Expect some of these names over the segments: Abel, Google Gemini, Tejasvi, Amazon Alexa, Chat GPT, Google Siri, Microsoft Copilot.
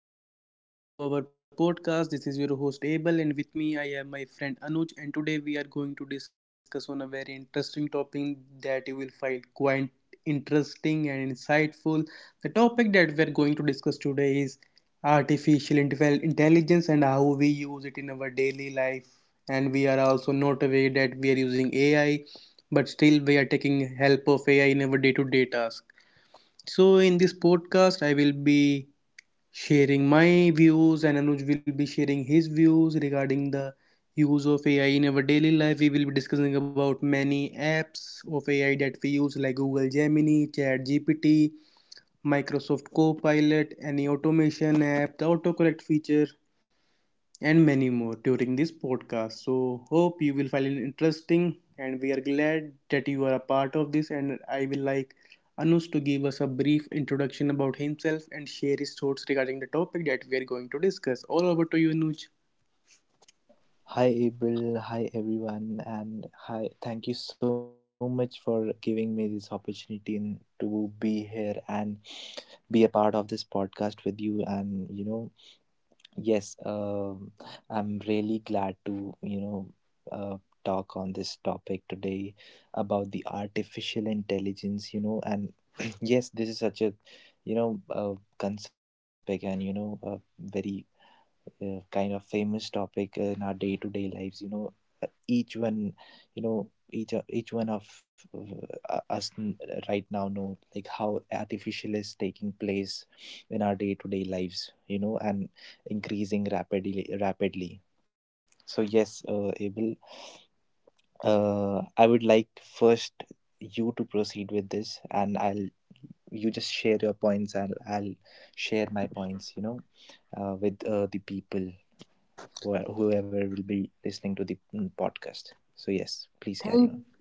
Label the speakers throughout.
Speaker 1: everyone, and welcome back to our podcast. This is your host Abel, and with me I have my friend Anuj. And today we are going to discuss on a very interesting topic that you will find quite interesting and insightful. The topic that we are going to discuss today is intelligence and how we use it in our daily life. And we are also not aware that we are using AI, but still we are taking help of AI in our day-to-day task. So in this podcast, I will be sharing my views, and Anuj will be sharing his views regarding the use of AI in our daily life. We will be discussing about many apps of AI that we use, like Google Gemini, Chat GPT, Microsoft Copilot, any automation app, the autocorrect feature, and many more during this podcast. So, hope you will find it interesting, and we are glad that you are a part of this. And I will like Anush to give us a brief introduction about himself and share his thoughts regarding the topic that we are going to discuss. All over to you, Anush.
Speaker 2: Hi Abel, hi everyone, and hi. Thank you so much for giving me this opportunity to be here and be a part of this podcast with you. And you know, yes, I'm really glad to uh, talk on this topic today about the artificial intelligence. You know, and yes, this is such a concerning topic, and you know a very kind of famous topic in our day-to-day lives, each one, each one of uh, us n- right now know like how artificial is taking place in our day-to-day lives, you know, and increasing rapidly. So yes, Abel, I would like first you to proceed with this, and I'll. You just share your points, and I'll share my points, with the people whoever will be listening to the podcast. So yes, please
Speaker 1: Thank
Speaker 2: carry on.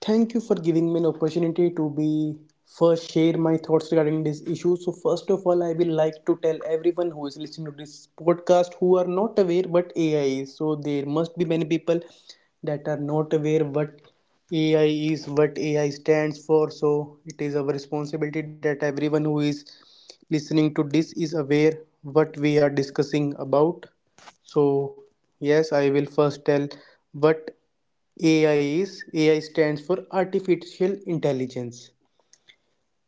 Speaker 1: Thank you for giving me an opportunity to be first share my thoughts regarding this issue. So first of all, I will like to tell everyone who is listening to this podcast who are not aware what AI is. So there must be many people that are not aware what AI is, what AI stands for. So it is our responsibility that everyone who is listening to this is aware what we are discussing about. So yes, I will first tell what AI is. AI stands for artificial intelligence.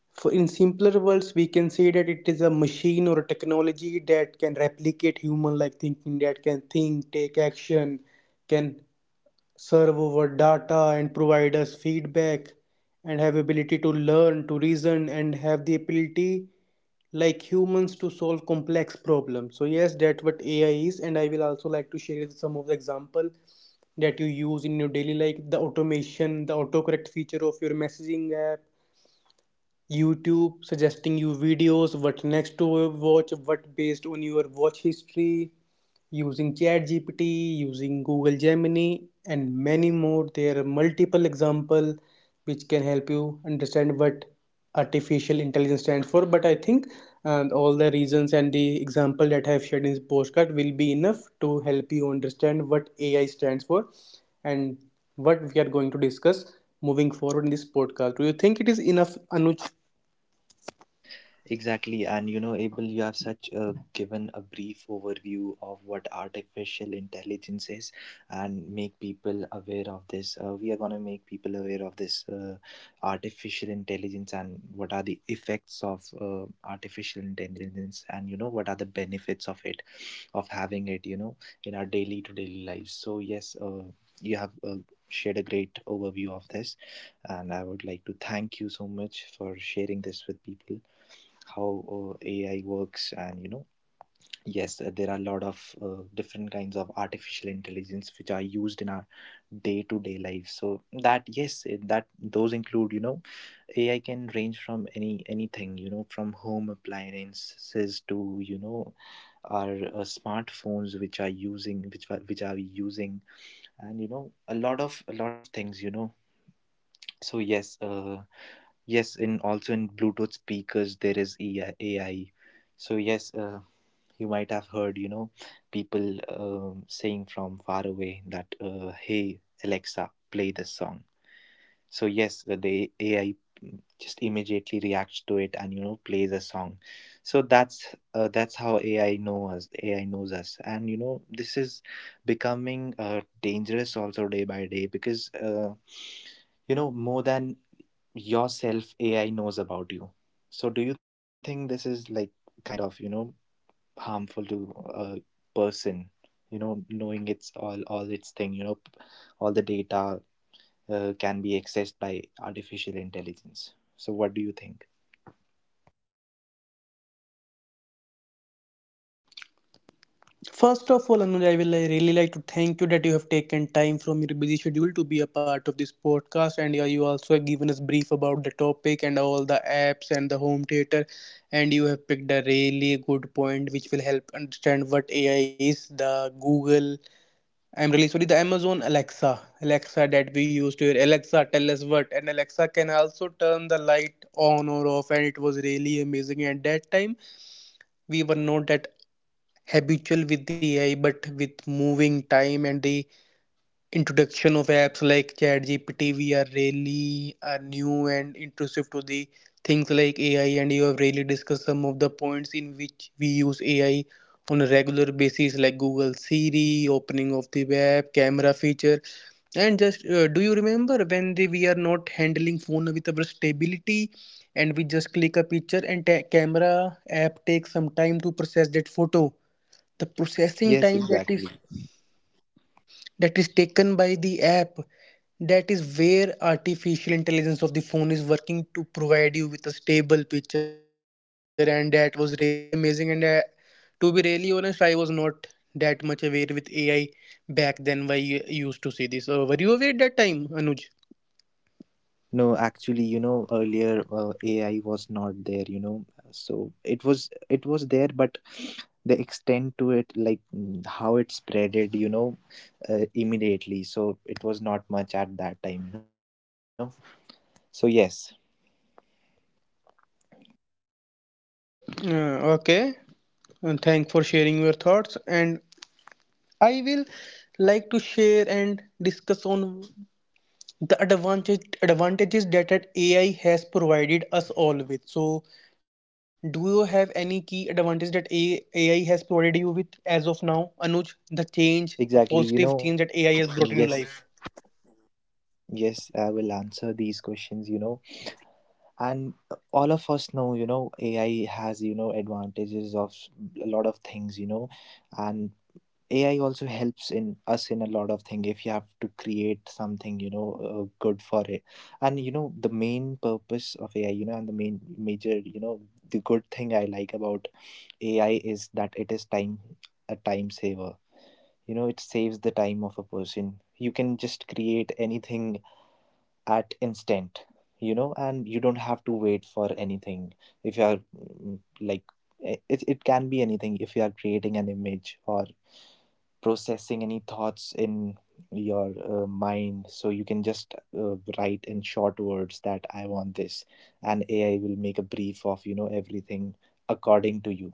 Speaker 1: For in simpler words, we can say that it is a machine or a technology that can replicate human like thinking, that can think, take action, can serve over data and provide us feedback and have ability to learn, to reason and have the ability like humans to solve complex problems. So yes, that's what AI is, and I will also like to share some of the example that you use in your daily life, the automation, the autocorrect feature of your messaging app, YouTube suggesting you videos what next to watch what based on your watch history, using ChatGPT, using Google Gemini, and many more. There are multiple example which can help you understand what artificial intelligence stands for. But I think all the reasons and the example that I have shared in this postcard will be enough to help you understand what AI stands for and what we are going to discuss moving forward in this podcast. Do you think it is enough, Anuj?
Speaker 2: Exactly, and you know, Abel, you have such given a brief overview of what artificial intelligence is, and make people aware of this. We are gonna make people aware of this artificial intelligence and what are the effects of artificial intelligence, and you know, what are the benefits of it, of having it, you know, in our daily to daily lives. So yes, you have shared a great overview of this, and I would like to thank you so much for sharing this with people how AI works. And you know, yes, there are a lot of different kinds of artificial intelligence which are used in our day to day life. So that yes, that those include, you know, AI can range from anything, you know, from home appliances to, you know, our smartphones, which are using, which are we using, and you know a lot of things, you know. So yes, yes, in also in Bluetooth speakers there is AI. AI. So yes, you might have heard, you know, people saying from far away that, "Hey Alexa, play this song." So yes, the AI just immediately reacts to it, and you know, plays a song. So that's how AI knows us, AI knows us, and you know, this is becoming dangerous also day by day, because you know, more than yourself AI knows about you. So do you think this is like kind of, you know, harmful to a person, you know, knowing it's all its thing, you know, all the data can be accessed by artificial intelligence. So, what do you think?
Speaker 1: First of all, Anuj, I really like to thank you that you have taken time from your busy schedule to be a part of this podcast, and yeah, you also have given us brief about the topic and all the apps and the home theater, and you have picked a really good point which will help understand what AI is, the Google. I'm really sorry, the Amazon Alexa, Alexa that we used to hear. Alexa, tell us what, and Alexa can also turn the light on or off, and it was really amazing. At that time we were not that habitual with the AI, but with moving time and the introduction of apps like ChatGPT, we are really are new and intrusive to the things like AI. And you have really discussed some of the points in which we use AI on a regular basis, like Google Siri, opening of the web, camera feature, and just do you remember when the, we are not handling phone with our stability? And we just click a picture and camera app takes some time to process that photo, the processing
Speaker 2: Yes,
Speaker 1: time that
Speaker 2: exactly.
Speaker 1: is taken by the app, that is where artificial intelligence of the phone is working to provide you with a stable picture. And that was really amazing, and to be really honest, I was not that much aware with AI back then, why I used to see this. Were you aware that time, Anuj?
Speaker 2: No, actually, you know, earlier AI was not there. You know, so it was there, but the extent to it, like, how it spreaded, you know, immediately. So it was not much at that time. You know, so yes,
Speaker 1: Okay, and thank for sharing your thoughts, and I will like to share and discuss on the advantages that at AI has provided us all with. So, do you have any key advantage that AI has provided you with as of now, Anuj? The change, a positive change that
Speaker 2: exactly.
Speaker 1: AI has
Speaker 2: You
Speaker 1: brought
Speaker 2: know,
Speaker 1: in your life.
Speaker 2: yes, yes, I will answer these questions. You know, and all of us know, you know, AI has, you know, advantages of a lot of things, you know. And AI also helps in us in a lot of thing. If you have to create something, you know, good for it. And you know, the main purpose of AI, you know, and the main major, you know, the good thing I like about AI is that it is time saver, you know, it saves the time of a person. You can just create anything at instant, you know, and you don't have to wait for anything. If you are, like it can be anything. If you are creating an image or processing any thoughts in your mind, so you can just write in short words that I want this, and AI will make a brief of, you know, everything according to you.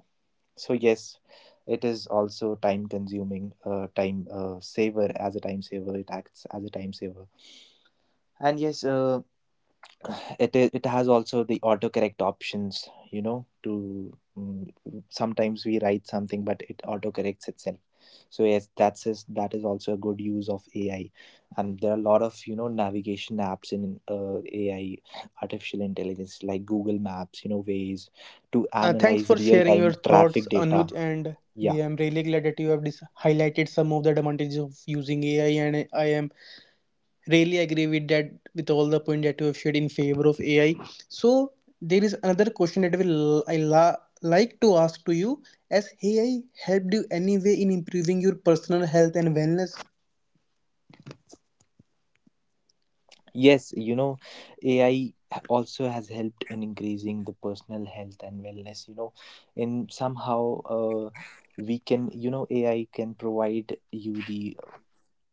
Speaker 2: So yes, it is also time saver, it acts as a time saver. And yes, it has also the autocorrect options, you know, to, sometimes we write something but it autocorrects itself. So yes, that is also a good use of AI. And there are a lot of, you know, navigation apps in AI artificial intelligence, like Google Maps, you know, ways to
Speaker 1: Thanks
Speaker 2: analyze
Speaker 1: for
Speaker 2: real
Speaker 1: sharing your
Speaker 2: time
Speaker 1: thoughts,
Speaker 2: traffic data.
Speaker 1: Anuj, and
Speaker 2: Yeah.
Speaker 1: we am really glad that you have highlighted some of the advantages of using AI, and I am really agree with that, with all the point that you have shared in favor of AI. So there is another question that like to ask to you. Has AI helped you anyway in improving your personal health and wellness
Speaker 2: Yes, you know, AI also has helped in increasing the personal health and wellness, you know. And somehow we can, you know, AI can provide you the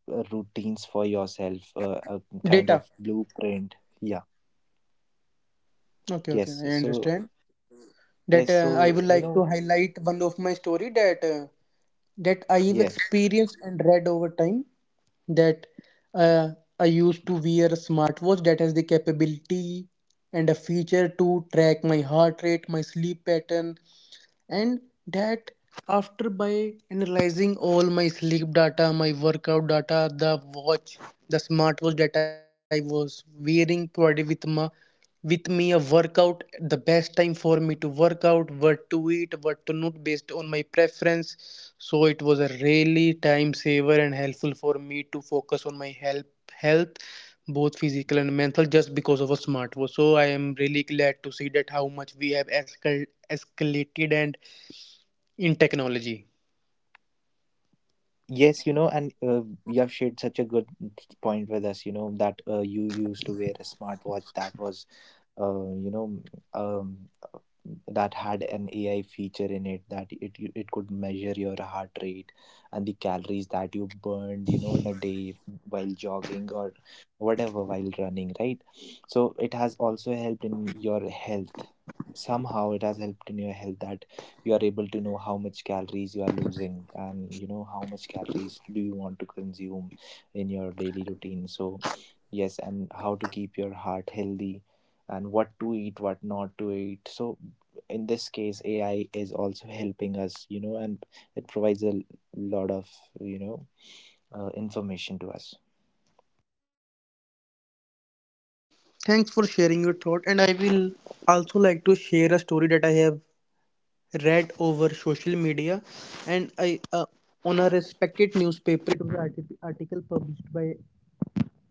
Speaker 2: routines for yourself, a kind
Speaker 1: data?
Speaker 2: of blueprint. Yeah,
Speaker 1: Okay, okay,
Speaker 2: yes.
Speaker 1: I
Speaker 2: So,
Speaker 1: understand that.
Speaker 2: yes,
Speaker 1: I
Speaker 2: so,
Speaker 1: would
Speaker 2: you
Speaker 1: like
Speaker 2: know,
Speaker 1: to highlight one of my story that that I have
Speaker 2: yes.
Speaker 1: experienced and read over time, that uh, I used to wear a smartwatch that has the capability and a feature to track my heart rate, my sleep pattern, and that after by analyzing all my sleep data, my workout data, the watch, the smartwatch that I was wearing provided with my, with me a workout, the best time for me to work out, what to eat, what to not, based on my preference. So it was a really time saver and helpful for me to focus on my health, both physical and mental, just because of a smartwatch. So I am really glad to see that how much we have escalated and in technology.
Speaker 2: Yes, you know, and you have shared such a good point with us, you know, that you used to wear a smartwatch that was, uh, you know, um, that had an AI feature in it, that it could measure your heart rate and the calories that you burned, you know, in a day while jogging or whatever, while running, right? So it has also helped in your health. Somehow it has helped in your health that you are able to know how much calories you are losing, and you know how much calories do you want to consume in your daily routine. So yes, and how to keep your heart healthy, and what to eat, what not to eat. So in this case, AI is also helping us, you know, and it provides a lot of, you know, information to us.
Speaker 1: Thanks for sharing your thought, and I will also like to share a story that I have read over social media, and I on a respected newspaper. It was an article published by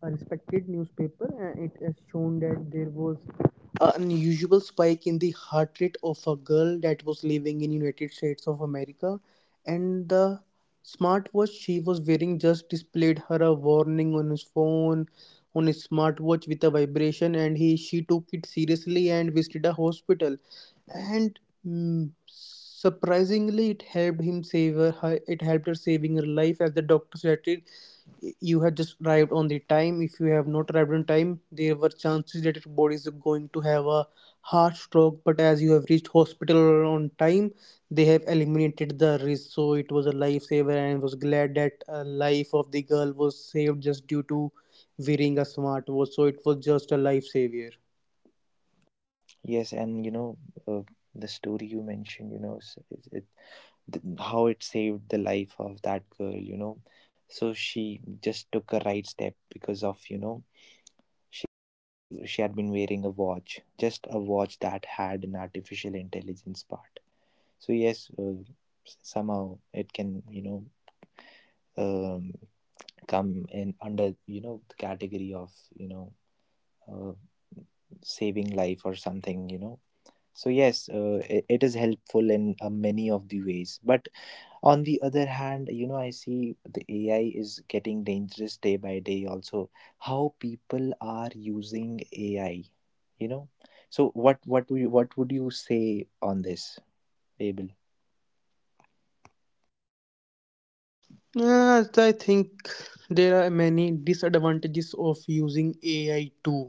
Speaker 1: a respected newspaper, and it has shown that there was an unusual spike in the heart rate of a girl that was living in United States of America, and the smartwatch she was wearing just displayed her a warning on his phone, on his smartwatch with a vibration, and he she took it seriously and visited a hospital. And surprisingly it helped him save her it helped her saving her life, as the doctor said it, you had just arrived on the time. If you have not arrived on time, there were chances that your body is going to have a heart stroke. But as you have reached hospital on time, they have eliminated the risk. So it was a lifesaver, and I was glad that life of the girl was saved just due to wearing a smartwatch. So it was just a lifesaver.
Speaker 2: Yes, and you know, uh, the story you mentioned, you know, how it saved the life of that girl, you know. So she just took a right step because of, you know, she had she had been wearing a watch, just a watch that had an artificial intelligence part. So yes, somehow it can, you know, um, come in under, you know, the category of, you know, uh, saving life or something, you know. So yes, it is helpful in many of the ways, but on the other hand, you know, I see the AI is getting dangerous day by day also, how people are using AI, you know. So what would you say on this, Abel.
Speaker 1: Yes, I think there are many disadvantages of using AI too.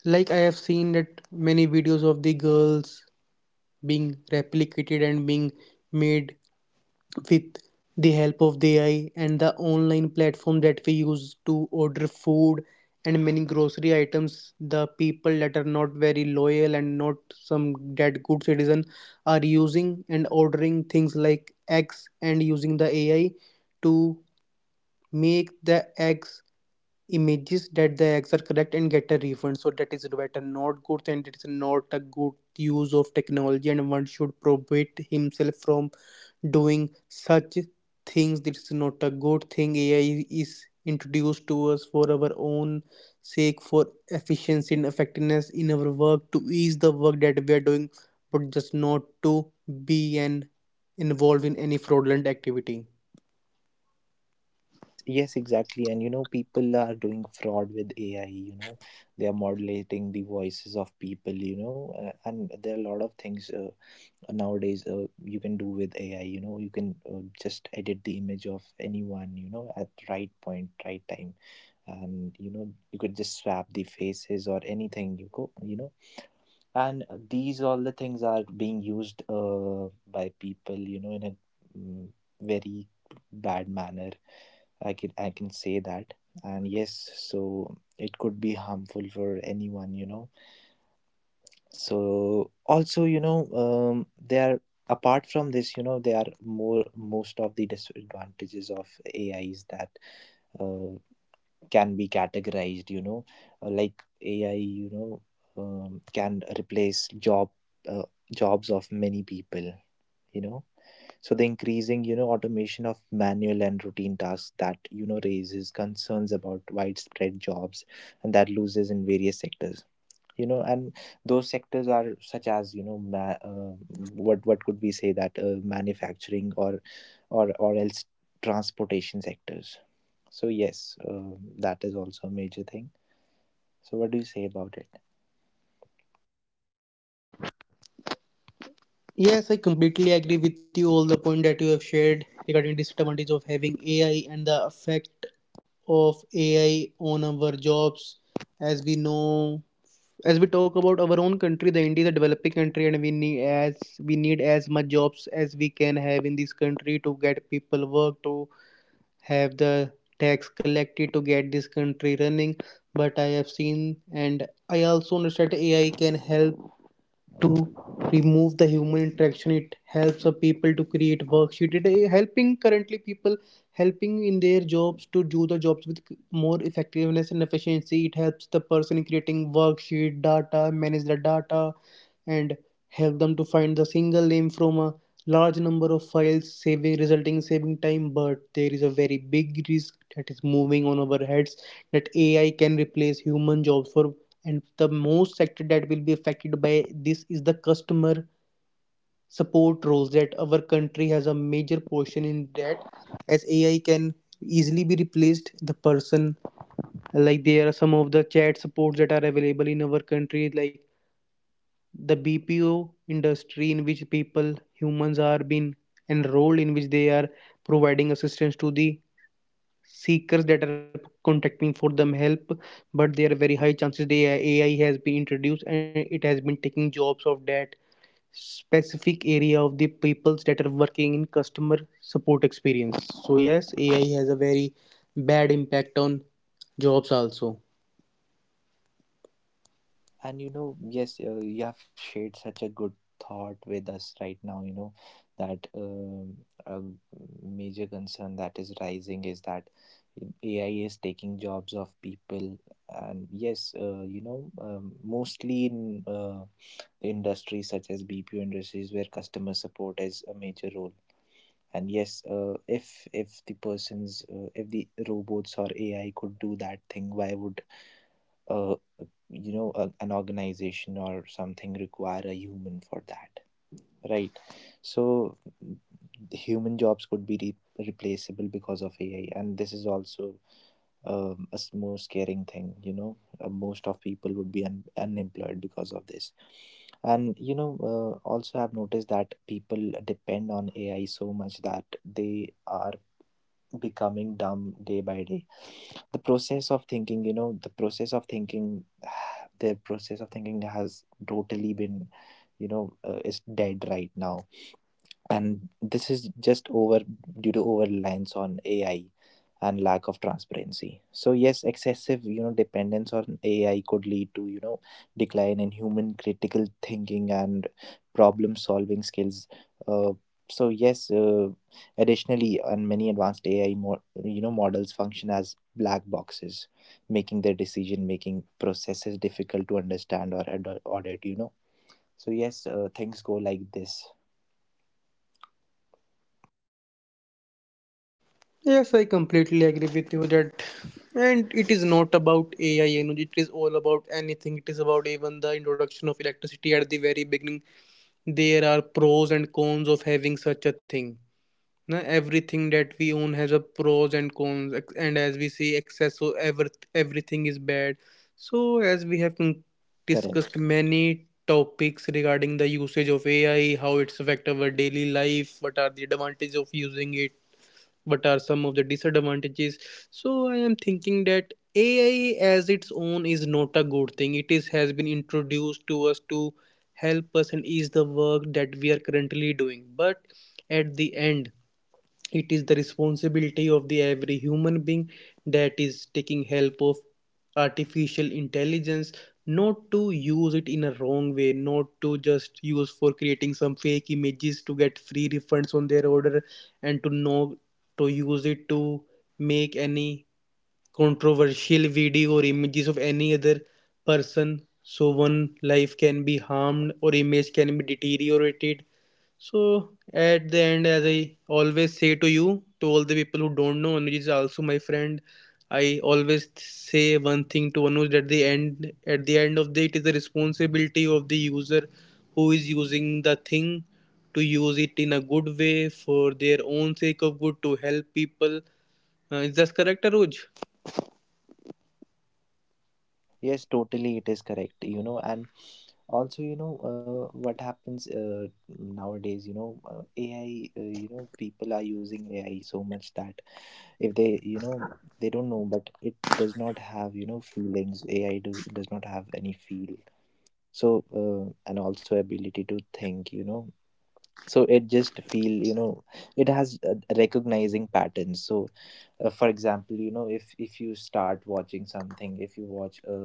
Speaker 1: Like I have seen that many videos of the girls being replicated and being made with the help of the AI, and the online platform that we use to order food and many grocery items. The people that are not very loyal and not some that good citizen are using and ordering things like eggs and using the AI to make the eggs images that the eggs are correct and get a refund. So that is better not good, and it's not a good use of technology, and one should prohibit himself from doing such things. It's not a good thing. AI is introduced to us for our own sake, for efficiency and effectiveness in our work, to ease the work that we are doing, but just not to be and involved in any fraudulent activity.
Speaker 2: Yes, yes, exactly. And you know, people are doing fraud with AI, you know, they are modulating the voices of people, you know, and there are a lot of things, nowadays, you can do with AI, you know, you can just edit the image of anyone, you know, at right point, right time. And, you know, you could just swap the faces or anything you go, you know. And these all the things are being used by people, you know, in a, mm, very bad manner, I can say that. And yes, so it could be harmful for anyone, you know. So also, you know, they are, apart from this, you know, there are more most of the disadvantages of AI is that uh, can be categorized, you know, like AI, you know, can replace uh, jobs of many people, you know. So the increasing, you know, automation of manual and routine tasks that, you know, raises concerns about widespread jobs and that loses in various sectors. You know, and those sectors are such as, you know, what could we say, that manufacturing or or else transportation sectors. So yes, that is also a major thing. So what do you say about it?
Speaker 1: Yes, I completely agree with you all the point that you have shared regarding disadvantage of having AI and the effect of AI on our jobs. As we know, as we talk about our own country, the India is a developing country, and we need as much jobs as we can have in this country to get people work, to have the tax collected, to get this country running. But I have seen, and I also understand AI can help to remove the human interaction. It helps the people to create worksheet. It is helping currently people, helping in their jobs to do the jobs with more effectiveness and efficiency. It helps the person in creating worksheet data, manage the data and help them to find the single name from a large number of files, saving, resulting saving time. But there is a very big risk that is moving on our heads, that AI can replace human jobs for, and the most sector that will be affected by this is the customer support roles that our country has a major portion in that. As AI can easily be replaced the person, like there are some of the chat supports that are available in our country like the BPO industry, in which people, humans are being enrolled, in which they are providing assistance to the seekers that are contacting for them help. But there are very high chances the AI has been introduced and it has been taking jobs of that specific area of the peoples that are working in customer support experience. So yes, AI has a very bad impact on jobs also.
Speaker 2: And you know, yes, you have shared such a good thought with us right now. You know, that a major concern that is rising is that AI is taking jobs of people. And yes, you know, mostly in industries such as BPO industries where customer support is a major role. And yes, if the persons, if the robots or AI could do that thing, why would uh, you know, a, an organization or something require a human for that, right? So the human jobs could be replaceable because of AI. And this is also, more scaring thing, you know, most of people would be unemployed because of this. And you know, also I've noticed that people depend on AI so much that they are becoming dumb day by day. The process of thinking, you know, the process of thinking the process of thinking has totally been, you know, is dead right now. And this is just over due to over reliance on AI and lack of transparency. So yes, excessive, you know, dependence on AI could lead to, you know, decline in human critical thinking and problem solving skills. Uh, so yes, additionally, and many advanced AI models function as black boxes, making their decision making processes difficult to understand or audit. Things go like this.
Speaker 1: Yes, I completely agree with you that, and it is not about AI energy, it is all about anything. It is about even the introduction of electricity at the very beginning. There are pros and cons of having such a thing. Now, everything that we own has a pros and cons, and as we see, excess of everything is bad. So, as we have discussed
Speaker 2: Correct.
Speaker 1: many topics regarding the usage of AI, how it's affect our daily life, what are the advantages of using it, what are some of the disadvantages. So I am thinking that AI as its own is not a good thing. It is has been introduced to us to help us and ease the work that we are currently doing, but at the end, it is the responsibility of the every human being that is taking help of artificial intelligence, not to use it in a wrong way, not to just use for creating some fake images to get free refunds on their order, and to know to use it to make any controversial video or images of any other person so one life can be harmed or image can be deteriorated. So at the end, as I always say to you, to all the people who don't know, Anuj is also my friend. I always say one thing to Anuj, at the end, at the end of the, it is the responsibility of the user who is using the thing to use it in a good way for their own sake of good, to help people. Is that correct, Anuj?
Speaker 2: Yes, totally, it is correct. And also, you know, what happens nowadays, AI, people are using AI so much that if they don't know, but it does not have, feelings. AI does not have any feel. So, and also ability to think, so it just feel. It has recognizing patterns. So for example, if you start watching something, if you watch a,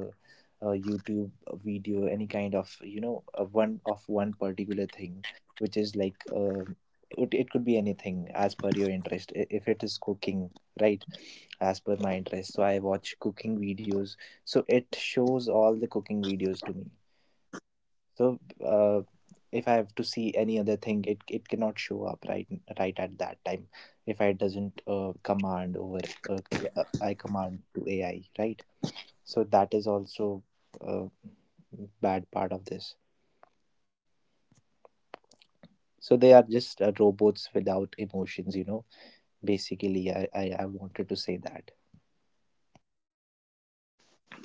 Speaker 2: a YouTube video, any kind of, a one particular thing, which is like it could be anything as per your interest. If it is cooking, right, as per my interest, so I watch cooking videos, so it shows all the cooking videos to me. So uh, if I have to see any other thing, it cannot show up, right, right at that time. If I doesn't command over, uh, I command to AI, right? So that is also a bad part of this. So they are just robots without emotions, you know. Basically, I wanted to say that.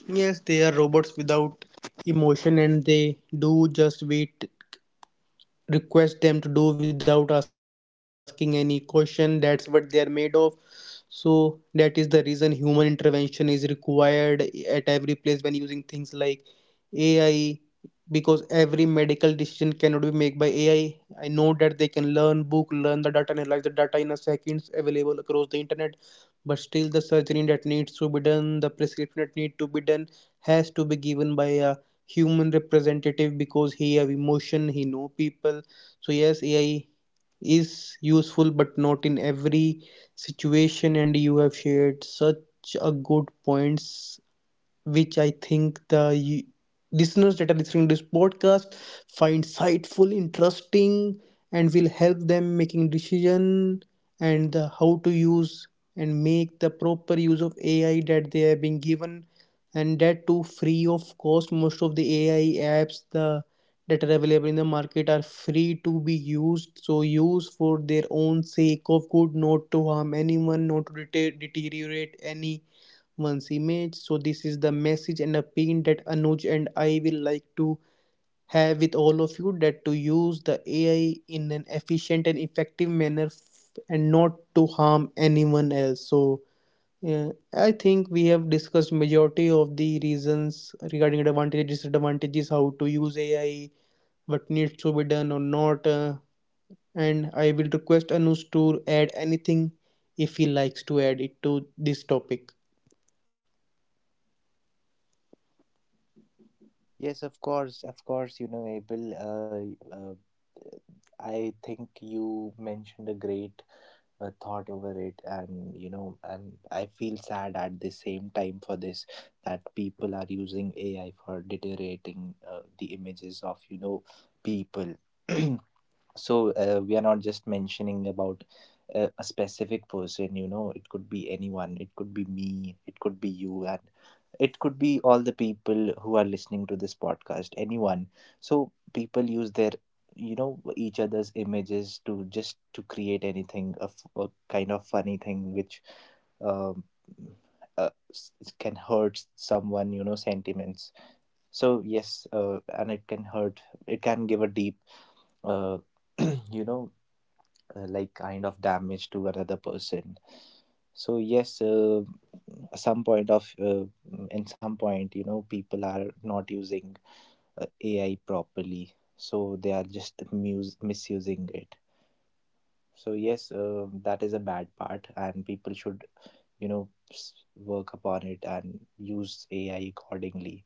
Speaker 1: Yes, they are robots without emotion, and they do just wait, request them to do without asking any question. That's what they are made of. So that is the reason human intervention is required at every place when using things like AI, because every medical decision cannot be made by AI. I know that they can learn, book learn the data, analyze the data in a seconds available across the internet, but still the surgery that needs to be done, the prescription that need to be done, has to be given by a human representative, because he have emotion, he know people. So yes, AI is useful, but not in every situation. And you have shared such a good points which I think the listeners that are listening to this podcast find insightful, interesting, and will help them making decision and the how to use and make the proper use of AI that they have been given, and that too free of cost. Most of the AI apps the that are available in the market are free to be used, so use for their own sake of good, not to harm anyone, not to deteriorate any one's image. So, this is the message and a opinion that Anuj and I will like to have with all of you, that to use the AI in an efficient and effective manner, and not to harm anyone else. So, yeah, I think we have discussed majority of the reasons regarding advantages, disadvantages, how to use AI, what needs to be done or not, and I will request Anuj to add anything if he likes to add it to this topic.
Speaker 2: Yes, of course, you know, Abel. I think you mentioned a great thought over it. And you know, and I feel sad at the same time for this, that people are using AI for deteriorating the images of, you know, people. so we are not just mentioning about a specific person. You know, it could be anyone, it could be me, it could be you, and it could be all the people who are listening to this podcast, anyone. So people use their, you know, each other's images to just to create anything of a kind of funny thing, which um, it can hurt someone, you know, sentiments. So yes, and it can hurt, it can give a deep uh, you know like kind of damage to another person. So yes, some point of in some point, you know, people are not using AI properly, so they are just misusing it. So yes, that is a bad part, and people should, you know, work upon it and use AI accordingly.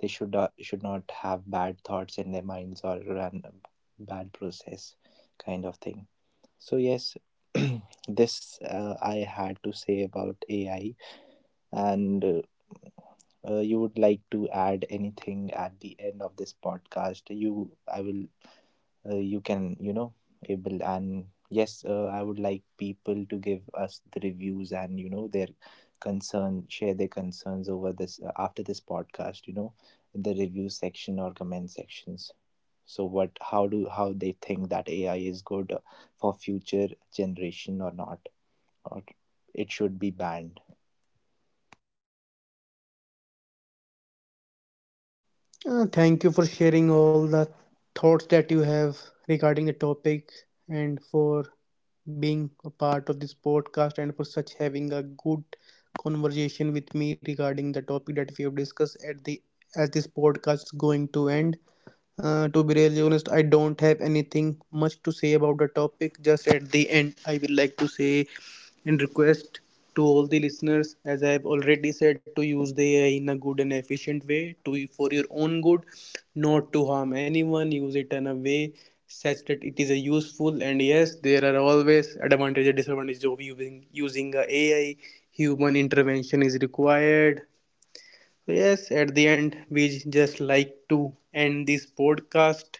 Speaker 2: They should not, should not have bad thoughts in their minds or run a bad process kind of thing. So yes, this I had to say about AI. And you would like to add anything at the end of this podcast? You, I will. You can, you know, able and yes, I would like people to give us the reviews and, you know, their concern, share their concerns over this after this podcast. You know, in the review section or comment sections. So what? How do how they think that AI is good for future generation or not? Or it should be banned.
Speaker 1: Thank you for sharing all the thoughts that you have regarding the topic, and for being a part of this podcast, and for such having a good conversation with me regarding the topic that we have discussed at the, as this podcast is going to end. To be really honest, I don't have anything much to say about the topic. Just at the end, I will like to say and request to all the listeners, as I have already said, to use the AI in a good and efficient way, to for your own good, not to harm anyone. Use it in a way such that it is a useful. And yes, there are always advantages and disadvantages of using a AI. Human intervention is required. So yes, at the end, we just like to end this podcast.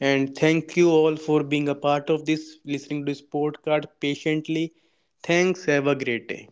Speaker 1: And thank you all for being a part of this, listening to this podcast patiently. Thanks. Have a great day.